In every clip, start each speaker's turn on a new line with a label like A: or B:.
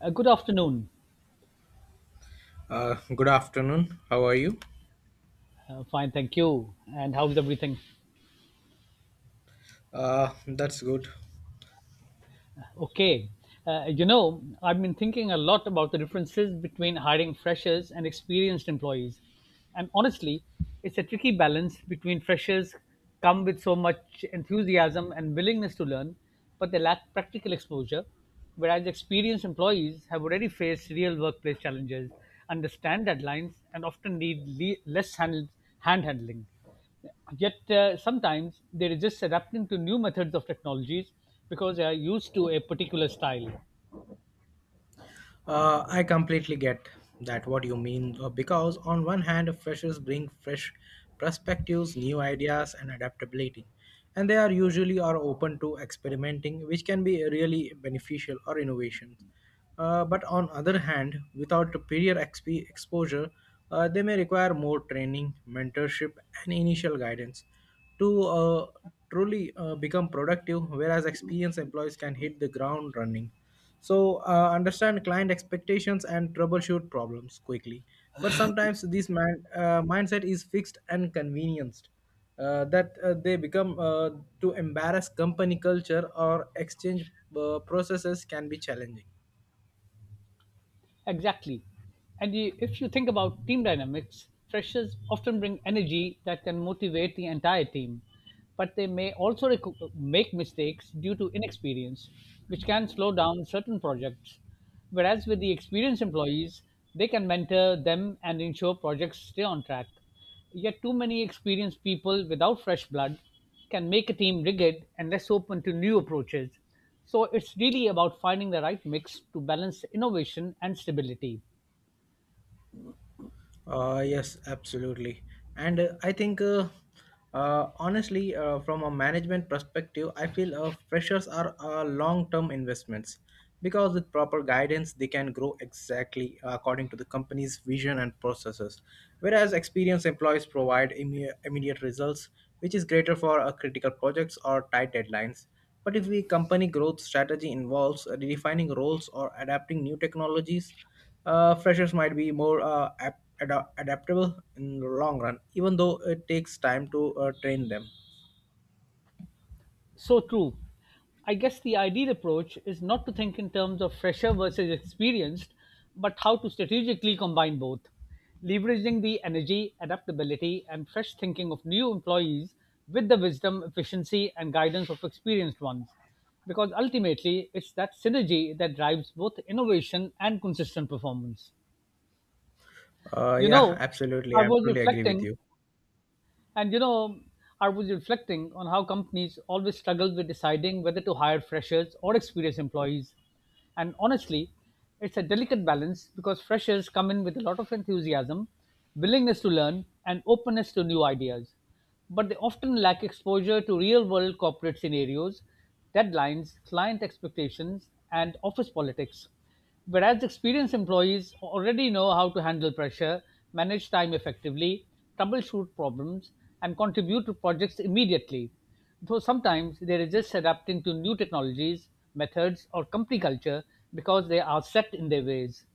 A: Good afternoon.
B: Good afternoon. How are you?
A: Fine, thank you. And how's everything?
B: That's good.
A: Okay. I've been thinking a lot about the differences between hiring freshers and experienced employees. And honestly, it's a tricky balance between freshers come with so much enthusiasm and willingness to learn, but they lack practical exposure, whereas experienced employees have already faced real workplace challenges, understand deadlines, and often need less hand handling. Yet sometimes they resist adapting to new methods of technologies because they are used to a particular style.
B: I completely get that what you mean because on one hand, freshers bring fresh perspectives, new ideas, and adaptability, and they are usually are open to experimenting, which can be really beneficial or innovations. But on other hand, without exposure, they may require more training, mentorship, and initial guidance to truly become productive, whereas experienced employees can hit the ground running. So, understand client expectations and troubleshoot problems quickly. But sometimes this mindset is fixed and convenienced that they become to embarrass company culture or exchange processes can be challenging.
A: Exactly. And you, if you think about team dynamics, freshers often bring energy that can motivate the entire team, but they may also make mistakes due to inexperience, which can slow down certain projects. Whereas with the experienced employees, they can mentor them and ensure projects stay on track. Yet, too many experienced people without fresh blood can make a team rigid and less open to new approaches, so it's really about finding the right mix to balance innovation and stability.
B: Yes, absolutely. And I think, honestly, From a management perspective, I feel freshers are long term investments because with proper guidance, they can grow exactly according to the company's vision and processes. Whereas experienced employees provide immediate results, which is greater for critical projects or tight deadlines. But if the company growth strategy involves redefining roles or adapting new technologies, freshers might be more adaptable in the long run, even though it takes time to train them.
A: So true. I guess the ideal approach is not to think in terms of fresher versus experienced, but how to strategically combine both, leveraging the energy, adaptability, and fresh thinking of new employees with the wisdom, efficiency, and guidance of experienced ones. Because ultimately, it's that synergy that drives both innovation and consistent performance. You
B: Yeah,
A: know,
B: absolutely.
A: I
B: I am
A: was
B: truly agree with
A: reflecting
B: you.
A: And you know, I was reflecting on how companies always struggle with deciding whether to hire freshers or experienced employees. And honestly, it's a delicate balance because freshers come in with a lot of enthusiasm, willingness to learn, and openness to new ideas. But they often lack exposure to real world corporate scenarios, deadlines, client expectations, and office politics. Whereas experienced employees already know how to handle pressure, manage time effectively, troubleshoot problems, and contribute to projects immediately. Though sometimes they resist adapting to new technologies, methods, or company culture because they are set in their ways.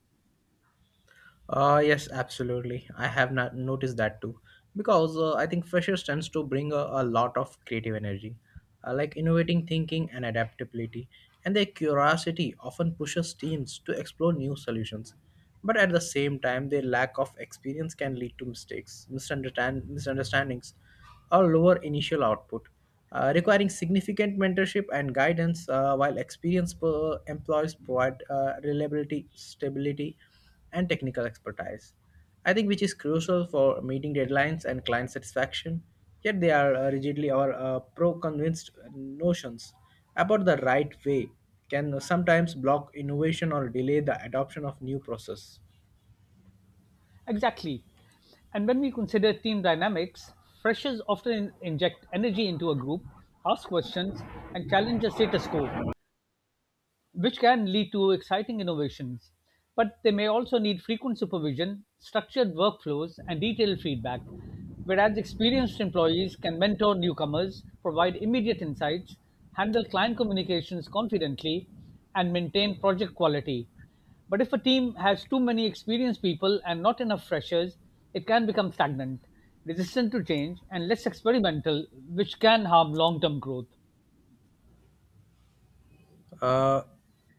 B: Yes, absolutely. I have not noticed that too, because I think freshers tends to bring a lot of creative energy, like innovating thinking and adaptability, and their curiosity often pushes teams to explore new solutions. But at the same time, their lack of experience can lead to mistakes, misunderstandings, or lower initial output requiring significant mentorship and guidance, while employees provide reliability, stability, and technical expertise. I think which is crucial for meeting deadlines and client satisfaction. Yet they are rigidly or pro-convinced notions about the right way can sometimes block innovation or delay the adoption of new process.
A: Exactly. And when we consider team dynamics, freshers often inject energy into a group, ask questions, and challenge the status quo, which can lead to exciting innovations. But they may also need frequent supervision, structured workflows, and detailed feedback, whereas experienced employees can mentor newcomers, provide immediate insights, handle client communications confidently, and maintain project quality. But if a team has too many experienced people and not enough freshers, it can become stagnant, resistant to change, and less experimental, which can harm long term growth.
B: Uh,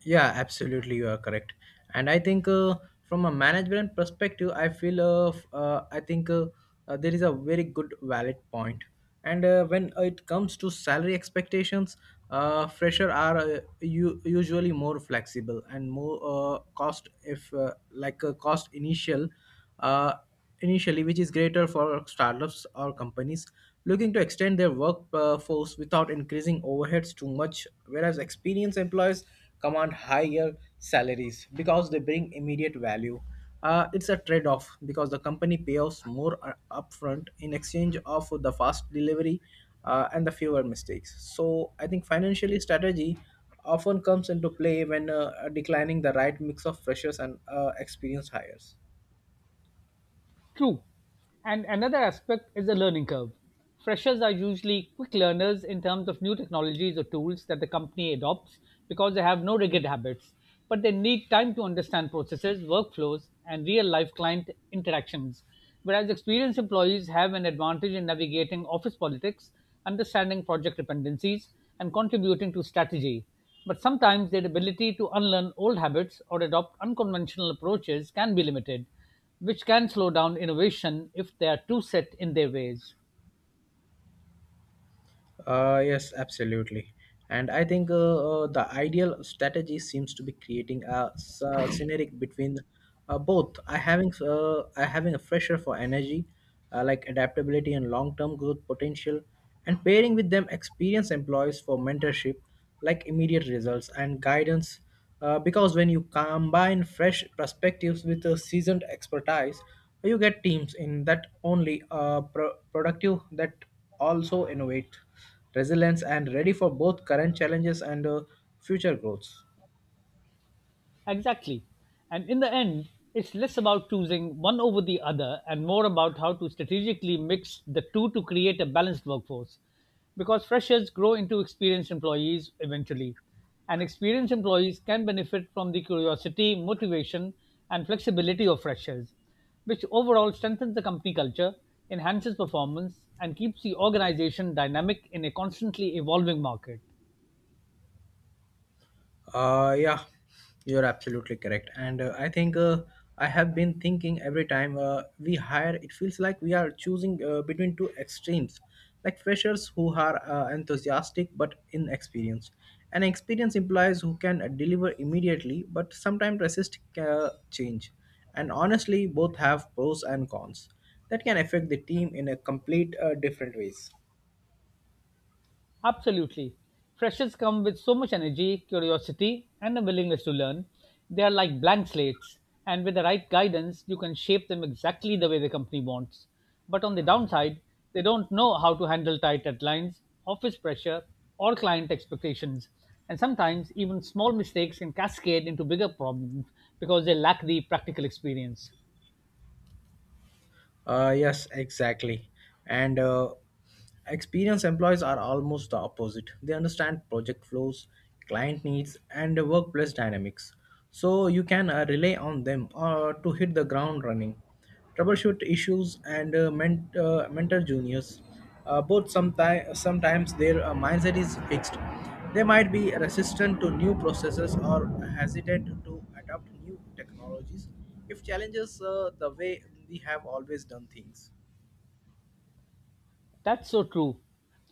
B: yeah, absolutely, you are correct. And I think from a management perspective, I feel f- I think there is a very good valid point. And when it comes to salary expectations, fresher are usually more flexible and more cost if like a cost initial. Uh, Initially, which is greater for startups or companies looking to extend their workforce without increasing overheads too much, whereas experienced employees command higher salaries because they bring immediate value. It's a trade off because the company payoffs more upfront in exchange of the fast delivery and the fewer mistakes. So, I think financially strategy often comes into play when declining the right mix of freshers and experienced hires.
A: True. And another aspect is the learning curve. Freshers are usually quick learners in terms of new technologies or tools that the company adopts because they have no rigid habits, but they need time to understand processes, workflows, and real life client interactions. Whereas experienced employees have an advantage in navigating office politics, understanding project dependencies, and contributing to strategy. But sometimes their ability to unlearn old habits or adopt unconventional approaches can be limited, which can slow down innovation if they are too set in their ways.
B: Yes, absolutely. And I think the ideal strategy seems to be creating a scenery between both. I having a fresher for energy, like adaptability and long-term growth potential, and pairing with them experienced employees for mentorship, like immediate results and guidance. Because when you combine fresh perspectives with a seasoned expertise, you get teams in that only productive that also innovate resilience and ready for both current challenges and future growths.
A: Exactly. And in the end, it's less about choosing one over the other and more about how to strategically mix the two to create a balanced workforce. Because freshers grow into experienced employees eventually. And experienced employees can benefit from the curiosity, motivation, and flexibility of freshers, which overall strengthens the company culture, enhances performance, and keeps the organization dynamic in a constantly evolving market.
B: Yeah, you're absolutely correct. And I think I have been thinking every time we hire, it feels like we are choosing between two extremes, like freshers who are enthusiastic but inexperienced. And experienced implies who can deliver immediately but sometimes resist change. And honestly, both have pros and cons that can affect the team in a complete different ways.
A: Absolutely. Freshers come with so much energy, curiosity, and a willingness to learn. They are like blank slates, and with the right guidance, you can shape them exactly the way the company wants. But on the downside, they don't know how to handle tight deadlines, office pressure, or client expectations. And sometimes, even small mistakes can cascade into bigger problems because they lack the practical experience.
B: Yes, exactly. And experienced employees are almost the opposite. They understand project flows, client needs, and workplace dynamics. So you can rely on them to hit the ground running, troubleshoot issues, and mentor juniors. But sometimes their mindset is fixed. They might be resistant to new processes or hesitant to adopt new technologies if challenges the way we have always done things.
A: That's so true.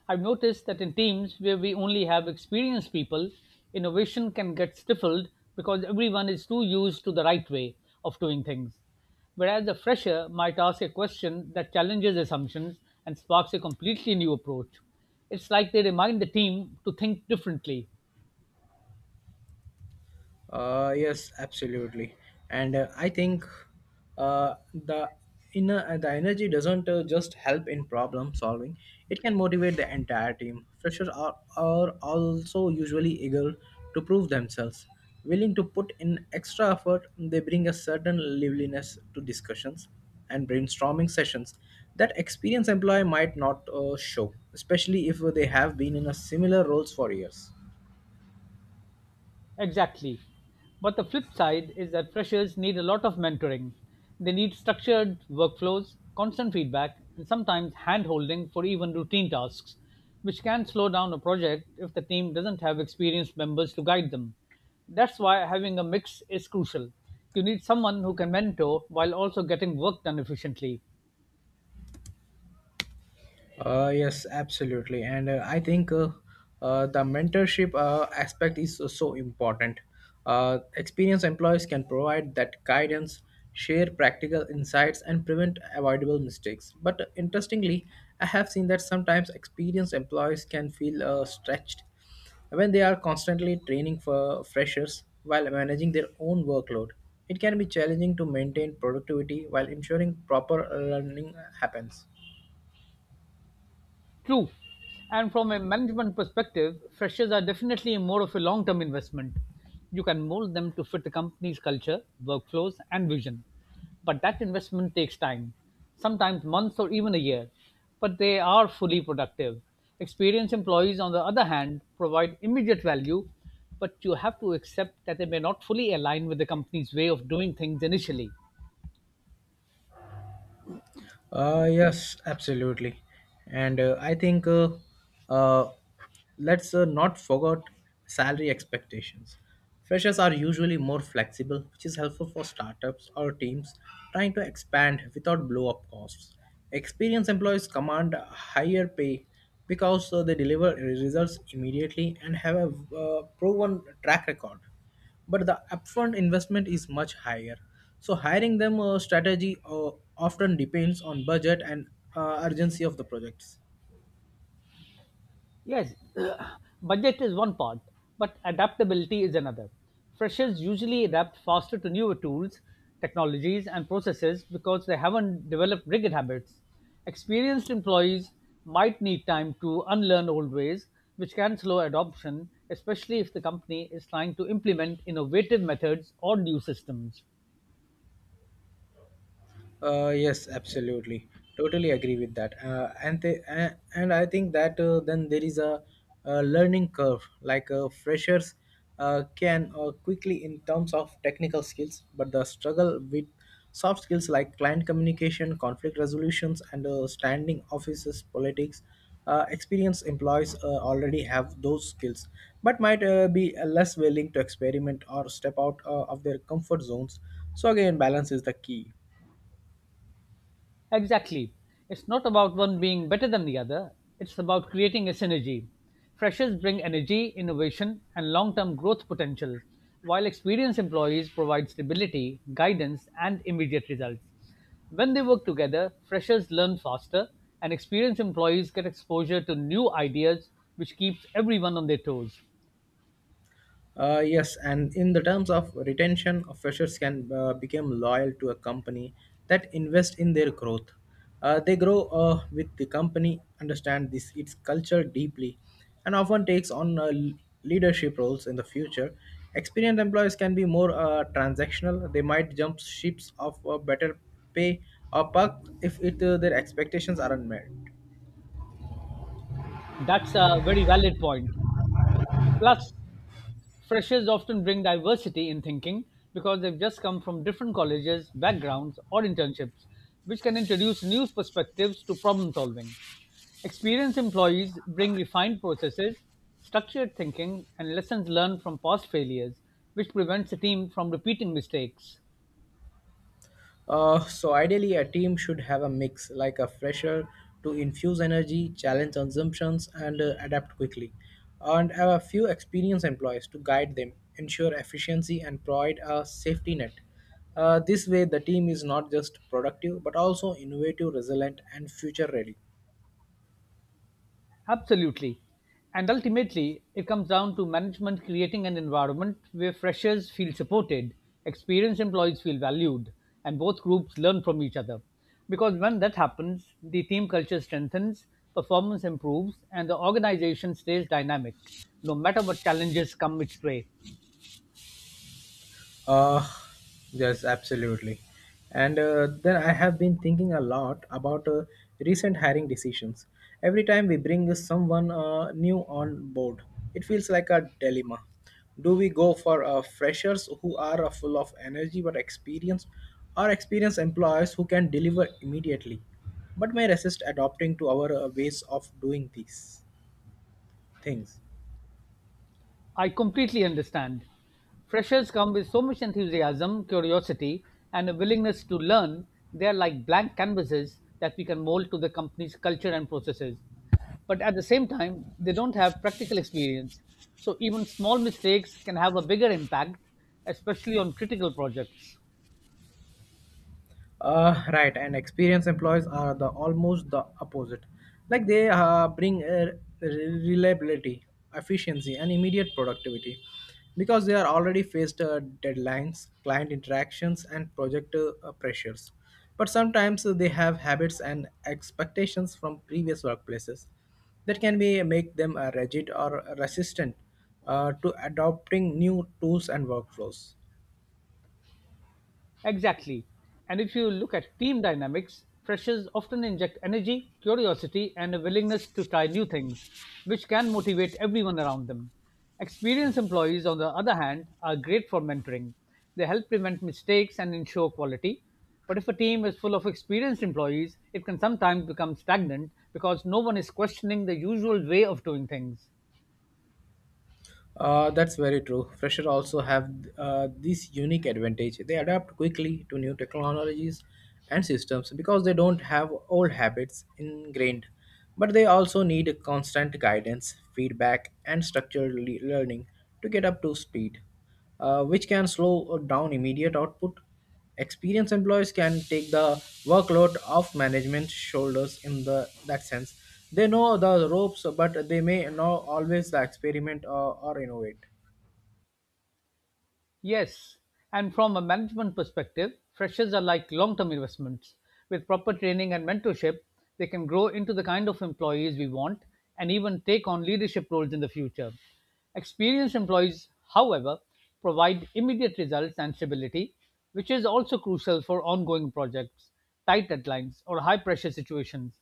A: I've noticed that in teams where we only have experienced people, innovation can get stifled because everyone is too used to the right way of doing things. Whereas a fresher might ask a question that challenges assumptions and sparks a completely new approach. It's like they remind the team to think differently.
B: Yes, absolutely. And I think the inner the energy doesn't just help in problem solving. It can motivate the entire team. Freshers are also usually eager to prove themselves. Willing to put in extra effort, they bring a certain liveliness to discussions and brainstorming sessions that experienced employee might not show, especially if they have been in a similar roles for years.
A: Exactly. But the flip side is that freshers need a lot of mentoring. They need structured workflows, constant feedback, and sometimes handholding for even routine tasks, which can slow down a project if the team doesn't have experienced members to guide them. That's why having a mix is crucial. You need someone who can mentor while also getting work done efficiently.
B: Yes, absolutely. And I think the mentorship aspect is so so important. Experienced employees can provide that guidance, share practical insights, and prevent avoidable mistakes. But interestingly, I have seen that sometimes experienced employees can feel stretched when they are constantly training for freshers while managing their own workload. It can be challenging to maintain productivity while ensuring proper learning happens.
A: True. And from a management perspective, freshers are definitely more of a long term investment. You can mold them to fit the company's culture, workflows, and vision. But that investment takes time, sometimes months or even a year. But they are fully productive. Experienced employees, on the other hand, provide immediate value, but you have to accept that they may not fully align with the company's way of doing things initially.
B: Yes, absolutely. And I think uh, let's not forget salary expectations. Freshers are usually more flexible, which is helpful for startups or teams trying to expand without blow up costs. Experienced employees command a higher pay because they deliver results immediately and have a proven track record but the upfront investment is much higher. So hiring them strategy often depends on budget and urgency of the projects.
A: Yes, budget is one part, but adaptability is another. Freshers usually adapt faster to newer tools, technologies, and processes because they haven't developed rigid habits. Experienced employees might need time to unlearn old ways, which can slow adoption, especially if the company is trying to implement innovative methods or new systems.
B: Yes, absolutely. Totally agree with that. And they, and I think that Then there is a learning curve. Like freshers can quickly in terms of technical skills, but the struggle with soft skills like client communication, conflict resolutions, and standing offices politics. Experienced employees already have those skills, but might be less willing to experiment or step out of their comfort zones. So again, balance is the key.
A: Exactly. It's not about one being better than the other, it's about creating a synergy. Freshers bring energy, innovation, and long term growth potential, while experienced employees provide stability, guidance, and immediate results. When they work together, freshers learn faster, and experienced employees get exposure to new ideas, which keeps everyone on their toes.
B: Yes, and in the terms of retention, of freshers can become loyal to a company that invest in their growth. They grow with the company, understand this its culture deeply, and often takes on leadership roles in the future. Experienced employees can be more transactional. They might jump ships of better pay or perk if it, their expectations aren't met.
A: That's a very valid point. Plus, freshers often bring diversity in thinking because they've just come from different colleges, backgrounds, or internships, which can introduce new perspectives to problem solving. Experienced employees bring refined processes, structured thinking, and lessons learned from past failures, which prevents the team from repeating mistakes.
B: So ideally, a team should have a mix, like a fresher to infuse energy, challenge assumptions, and adapt quickly, and have a few experienced employees to guide them, ensure efficiency, and provide a safety net. This way, the team is not just productive but also innovative, resilient, and future ready.
A: Absolutely. And ultimately, it comes down to management creating an environment where freshers feel supported, experienced employees feel valued, and both groups learn from each other. Because when that happens, the team culture strengthens, performance improves, and the organization stays dynamic, no matter what challenges come its way.
B: Uh, yes, absolutely. And Then I have been thinking a lot about recent hiring decisions. Every time we bring someone new on board, it feels like a dilemma. Do we go for freshers who are full of energy but experienced, or experienced employees who can deliver immediately, but may resist adopting to our ways of doing these things?
A: I completely understand. Freshers come with so much enthusiasm, curiosity, and a willingness to learn. They are like blank canvases that we can mold to the company's culture and processes. But at the same time, they don't have practical experience. So even small mistakes can have a bigger impact, especially on critical projects.
B: Right, and experienced employees are the almost the opposite. Like they bring reliability, efficiency, and immediate productivity because they are already faced deadlines, client interactions, and project pressures. But sometimes they have habits and expectations from previous workplaces that can be make them rigid or resistant to adopting new tools and workflows.
A: Exactly. And if you look at team dynamics, freshers often inject energy, curiosity, and a willingness to try new things, which can motivate everyone around them. Experienced employees, on the other hand, are great for mentoring. They help prevent mistakes and ensure quality. But if a team is full of experienced employees, it can sometimes become stagnant because no one is questioning the usual way of doing things.
B: That's very true. Freshers also have this unique advantage. They adapt quickly to new technologies and systems because they don't have old habits ingrained. But they also need constant guidance, feedback, and learning to get up to speed, which can slow down immediate output. Experienced employees can take the workload off management shoulders in the that sense. They know the ropes, but they may not always experiment or innovate.
A: Yes, and from a management perspective, freshers are like long term investments. With proper training and mentorship, they can grow into the kind of employees we want and even take on leadership roles in the future. Experienced employees, however, provide immediate results and stability, which is also crucial for ongoing projects, tight deadlines, or high pressure situations.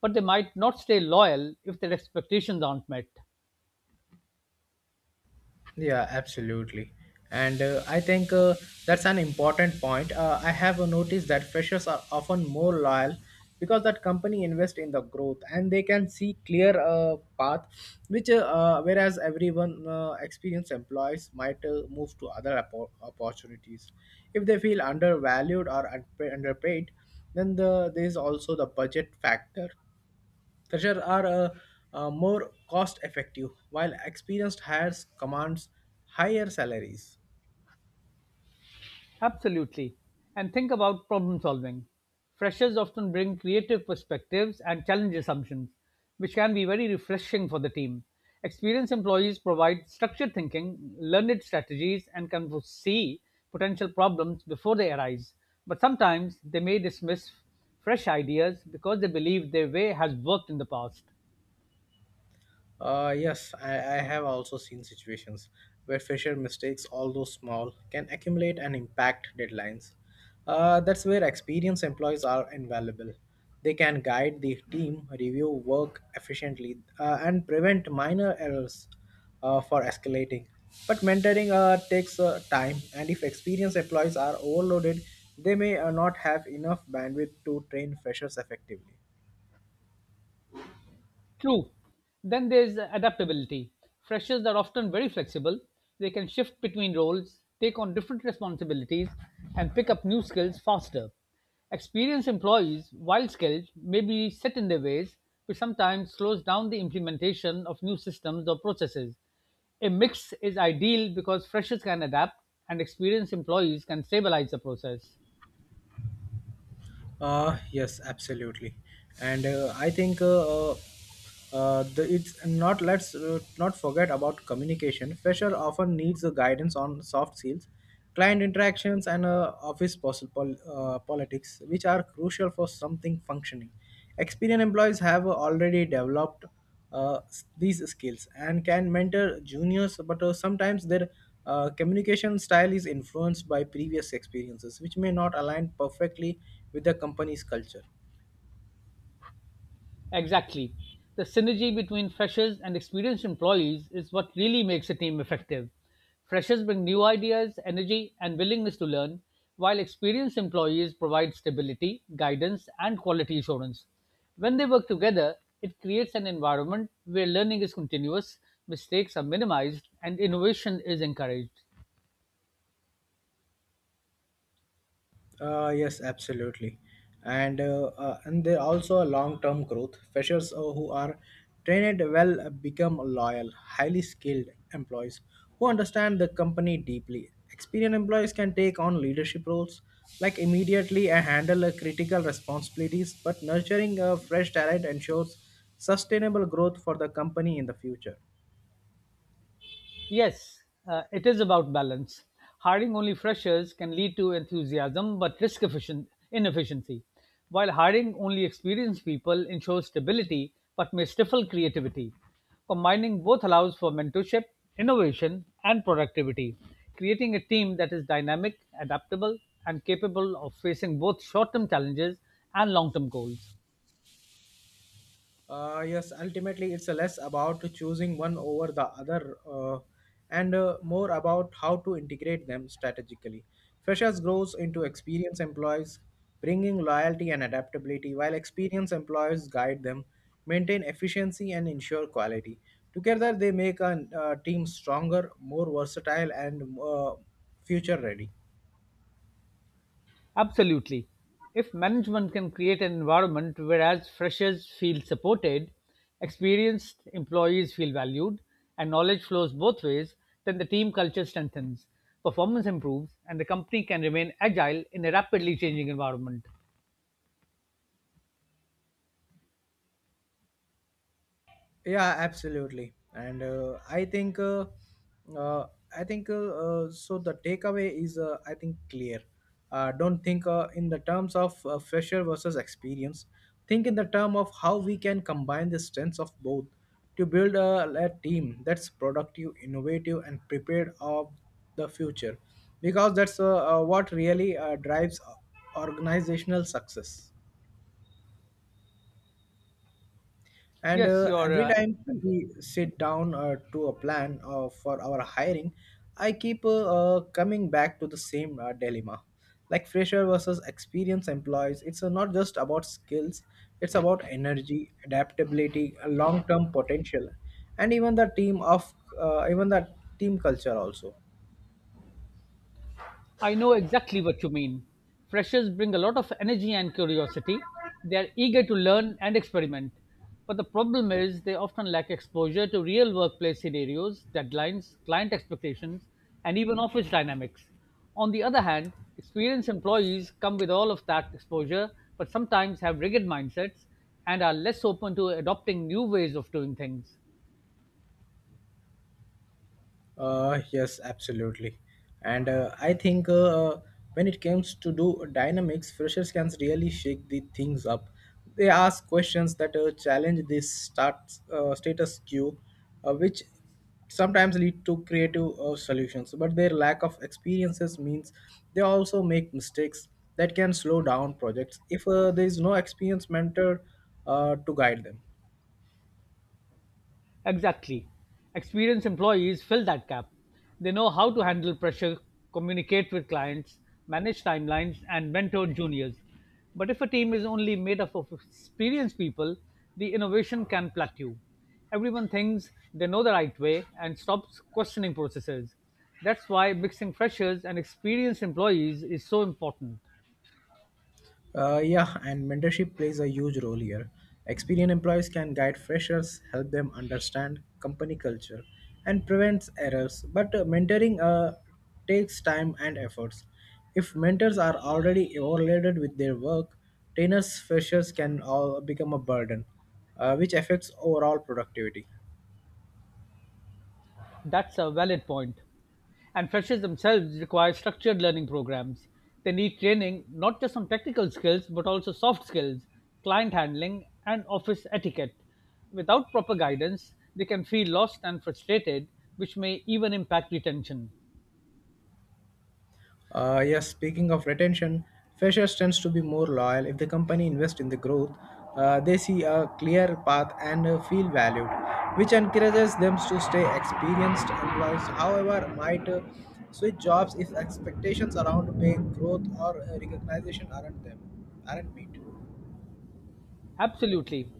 A: But they might not stay loyal if their expectations aren't met.
B: Yeah, absolutely. And I think That's an important point. I have noticed that freshers are often more loyal because that company invest in the growth and they can see clear path which whereas everyone experienced employees might move to other opportunities if they feel undervalued or underpaid. Then there is also the budget factor. Fresher are more cost effective while experienced hires commands higher salaries.
A: Absolutely. And think about problem solving. Freshers often bring creative perspectives and challenge assumptions, which can be very refreshing for the team. Experienced employees provide structured thinking, learned strategies, and can foresee potential problems before they arise. But sometimes they may dismiss fresh ideas because they believe their way has worked in the past.
B: Yes, I have also seen situations where fresher mistakes, although small, can accumulate and impact deadlines. That's where experienced employees are invaluable. They can guide the team, review work efficiently, and prevent minor errors for escalating. But mentoring takes time, and if experienced employees are overloaded, they may not have enough bandwidth to train freshers effectively.
A: True. Then there's adaptability. Freshers are often very flexible. They can shift between roles, take on different responsibilities, and pick up new skills faster. Experienced employees, while skilled, may be set in their ways, which sometimes slows down the implementation of new systems or processes. A mix is ideal because freshers can adapt and experienced employees can stabilize the process.
B: Yes, absolutely, and it's not let's not forget about communication. Fresher often needs a guidance on soft skills, client interactions, and office politics, which are crucial for something functioning. Experienced employees have already developed these skills and can mentor juniors, but sometimes their communication style is influenced by previous experiences, which may not align perfectly with the company's culture.
A: Exactly. The synergy between freshers and experienced employees is what really makes a team effective. Freshers bring new ideas, energy, and willingness to learn, while experienced employees provide stability, guidance, and quality assurance. When they work together, it creates an environment where learning is continuous, mistakes are minimized, and innovation is encouraged.
B: Yes, absolutely, and there also a long-term growth. Freshers who are trained well become loyal, highly skilled employees who understand the company deeply. Experienced employees can take on leadership roles, like immediately, and handle critical responsibilities. But nurturing a fresh talent ensures sustainable growth for the company in the future.
A: Yes, it is about balance. Hiring only freshers can lead to enthusiasm but risk efficient inefficiency, while hiring only experienced people ensures stability but may stifle creativity. Combining both allows for mentorship, innovation, and productivity, creating a team that is dynamic, adaptable, and capable of facing both short term challenges and long term goals.
B: Yes, ultimately, it's less about choosing one over the other, and more about how to integrate them strategically. Freshers grows into experienced employees, bringing loyalty and adaptability, while experienced employees guide them, maintain efficiency, and ensure quality. Together, they make a team stronger, more versatile, and future ready.
A: Absolutely. If management can create an environment whereas freshers feel supported, experienced employees feel valued, and knowledge flows both ways, then the team culture strengthens, performance improves, and the company can remain agile in a rapidly changing environment.
B: Yeah, absolutely. And uh, I think so the takeaway is I think clear. Don't think in the terms of fresher versus experience. Think in the term of how we can combine the strengths of both to build a team that's productive, innovative, and prepared of the future, because that's what really drives organizational success. And
A: Yes, you're
B: every time we sit down to a plan for our hiring, I keep coming back to the same dilemma. Like fresher versus experienced employees, it's not just about skills, it's about energy, adaptability, long term potential, and even the team of even the team culture also.
A: I know exactly what you mean. Freshers bring a lot of energy and curiosity. They are eager to learn and experiment. But the problem is they often lack exposure to real workplace scenarios, deadlines, client expectations, and even office dynamics. On the other hand, experienced employees come with all of that exposure, but sometimes have rigid mindsets and are less open to adopting new ways of doing things.
B: Yes, absolutely. And I think, when it comes to do dynamics, freshers can really shake the things up. They ask questions that challenge this start status quo, which sometimes lead to creative solutions. But their lack of experiences means they also make mistakes that can slow down projects if there is no experienced mentor to guide them.
A: Exactly. Experienced employees fill that gap. They know how to handle pressure, communicate with clients, manage timelines, and mentor juniors. But if a team is only made up of experienced people, the innovation can plateau. Everyone thinks they know the right way and stops questioning processes. That's why mixing freshers and experienced employees is so important.
B: Yeah, and mentorship plays a huge role here. Experienced employees can guide freshers, help them understand company culture, and prevents errors. But mentoring takes time and efforts. If mentors are already overloaded with their work, trainers freshers can all become a burden, which affects overall productivity.
A: That's a valid point. And freshers themselves require structured learning programs. They need training not just on technical skills, but also soft skills, client handling, and office etiquette. Without proper guidance, they can feel lost and frustrated, which may even impact retention.
B: Yes, speaking of retention, freshers tends to be more loyal if the company invests in the growth. They see a clear path and feel valued, which encourages them to stay experienced employees. However, might switch jobs if expectations around pay growth or recognition aren't met.
A: Absolutely.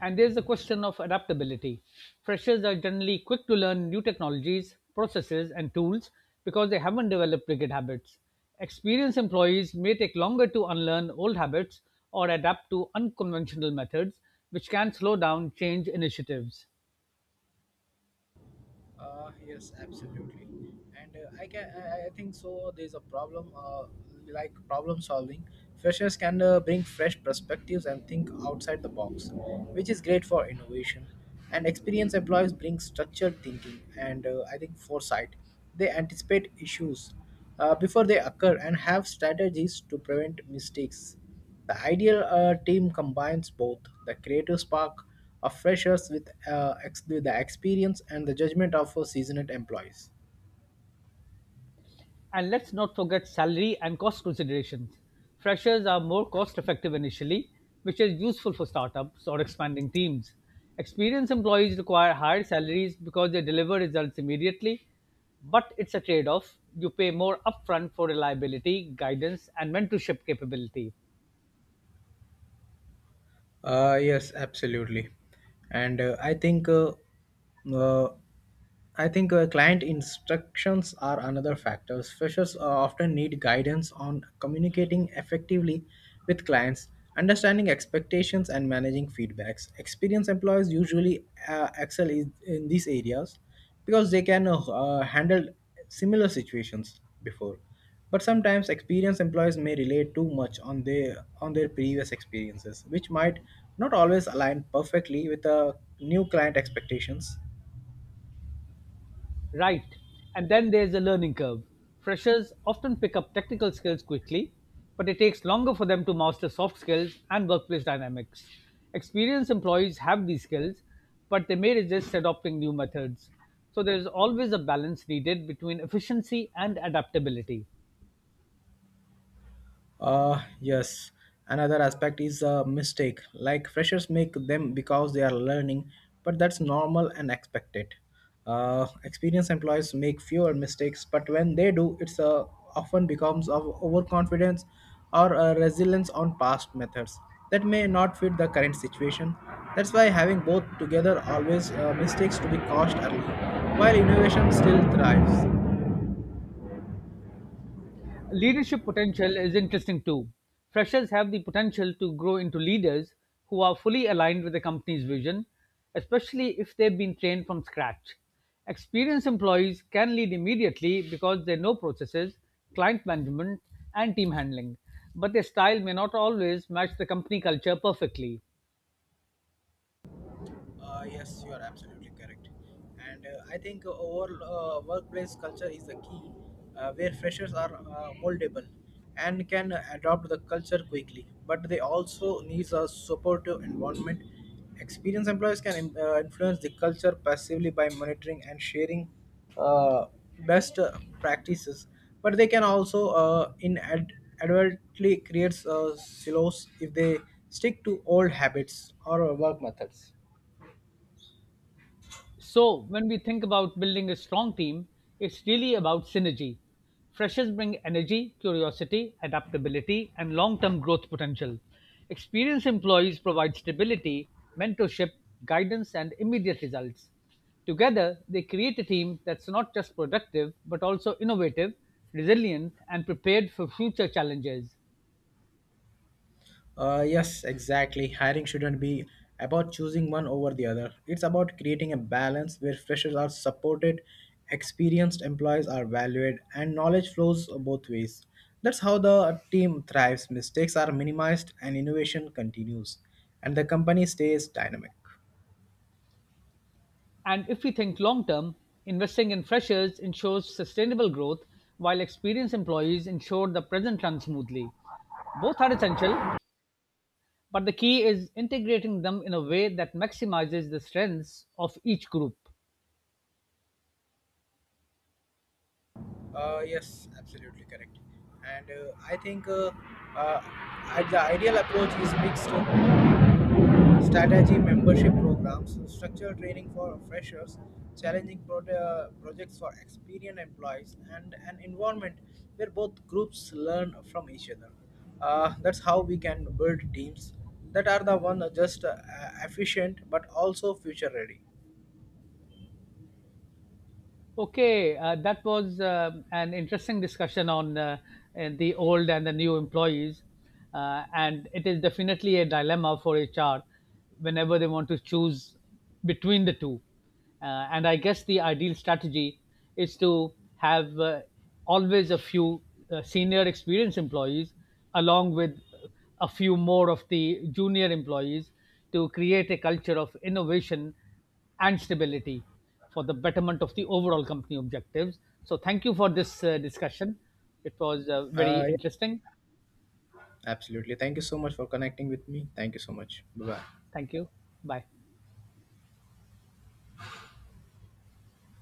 A: And there's the question of adaptability. Freshers are generally quick to learn new technologies, processes, and tools because they haven't developed rigid habits. Experienced employees may take longer to unlearn old habits or adapt to unconventional methods, which can slow down change initiatives.
B: Yes, absolutely, and I can, I think so. There's a problem, like problem solving. Freshers can bring fresh perspectives and think outside the box, which is great for innovation. And experienced employees bring structured thinking and, I think, foresight. They anticipate issues before they occur and have strategies to prevent mistakes. The ideal team combines both the creative spark of freshers with the experience and the judgment of seasoned employees.
A: And let's not forget salary and cost considerations. Freshers are more cost effective initially, which is useful for startups or expanding teams. Experienced employees require higher salaries because they deliver results immediately, but it's a trade off. You pay more upfront for reliability, guidance, and mentorship capability.
B: Yes, absolutely. And uh, I think Client instructions are another factor. Freshers often need guidance on communicating effectively with clients, understanding expectations, and managing feedbacks. Experienced employees usually excel in these areas because they can handle similar situations before. But sometimes experienced employees may rely too much on their previous experiences, which might not always align perfectly with the new client expectations.
A: Right. And then there's a learning curve. Freshers often pick up technical skills quickly, but it takes longer for them to master soft skills and workplace dynamics. Experienced employees have these skills, but they may resist adopting new methods. So there's always a balance needed between efficiency and adaptability.
B: Yes. Another aspect is a mistake. Like freshers make them because they are learning, but that's normal and expected. Experienced employees make fewer mistakes, but when they do, it's often becomes of overconfidence or resilience on past methods that may not fit the current situation. That's why having both together always mistakes to be caused early, while innovation still thrives.
A: Leadership potential is interesting too. Freshers have the potential to grow into leaders who are fully aligned with the company's vision, especially if they've been trained from scratch. Experienced employees can lead immediately because they know processes, client management, and team handling, but their style may not always match the company culture perfectly.
B: Yes, you are absolutely correct. And I think overall workplace culture is the key, where freshers are moldable and can adopt the culture quickly. But they also need a supportive environment. Experienced employees can influence the culture passively by monitoring and sharing uh, best practices. But they can also inadvertently create silos if they stick to old habits or work methods.
A: So, when we think about building a strong team, it's really about synergy. Freshers bring energy, curiosity, adaptability, and long term growth potential. Experienced employees provide stability, mentorship, guidance, and immediate results. Together, they create a team that's not just productive, but also innovative, resilient, and prepared for future challenges.
B: Yes, exactly. Hiring shouldn't be about choosing one over the other. It's about creating a balance where freshers are supported, experienced employees are valued, and knowledge flows both ways. That's how the team thrives, mistakes are minimized, and innovation continues, and the company stays dynamic.
A: And if we think long term, investing in freshers ensures sustainable growth, while experienced employees ensure the present runs smoothly. Both are essential, but the key is integrating them in a way that maximizes the strengths of each group.
B: Yes, absolutely correct. And the ideal approach is mixed. Strategy membership programs, structured training for freshers, challenging projects for experienced employees, and an environment where both groups learn from each other. That's how we can build teams that are the one just efficient but also future ready.
A: Okay, that was an interesting discussion on the old and the new employees. And it is definitely a dilemma for HR whenever they want to choose between the two. And I guess the ideal strategy is to have always a few senior experienced employees along with a few more of the junior employees to create a culture of innovation and stability for the betterment of the overall company objectives. So, thank you for this discussion. It was very
B: Yeah,
A: interesting.
B: absolutely. Thank you so much for connecting with me. Thank you so much.
A: Thank you. Bye.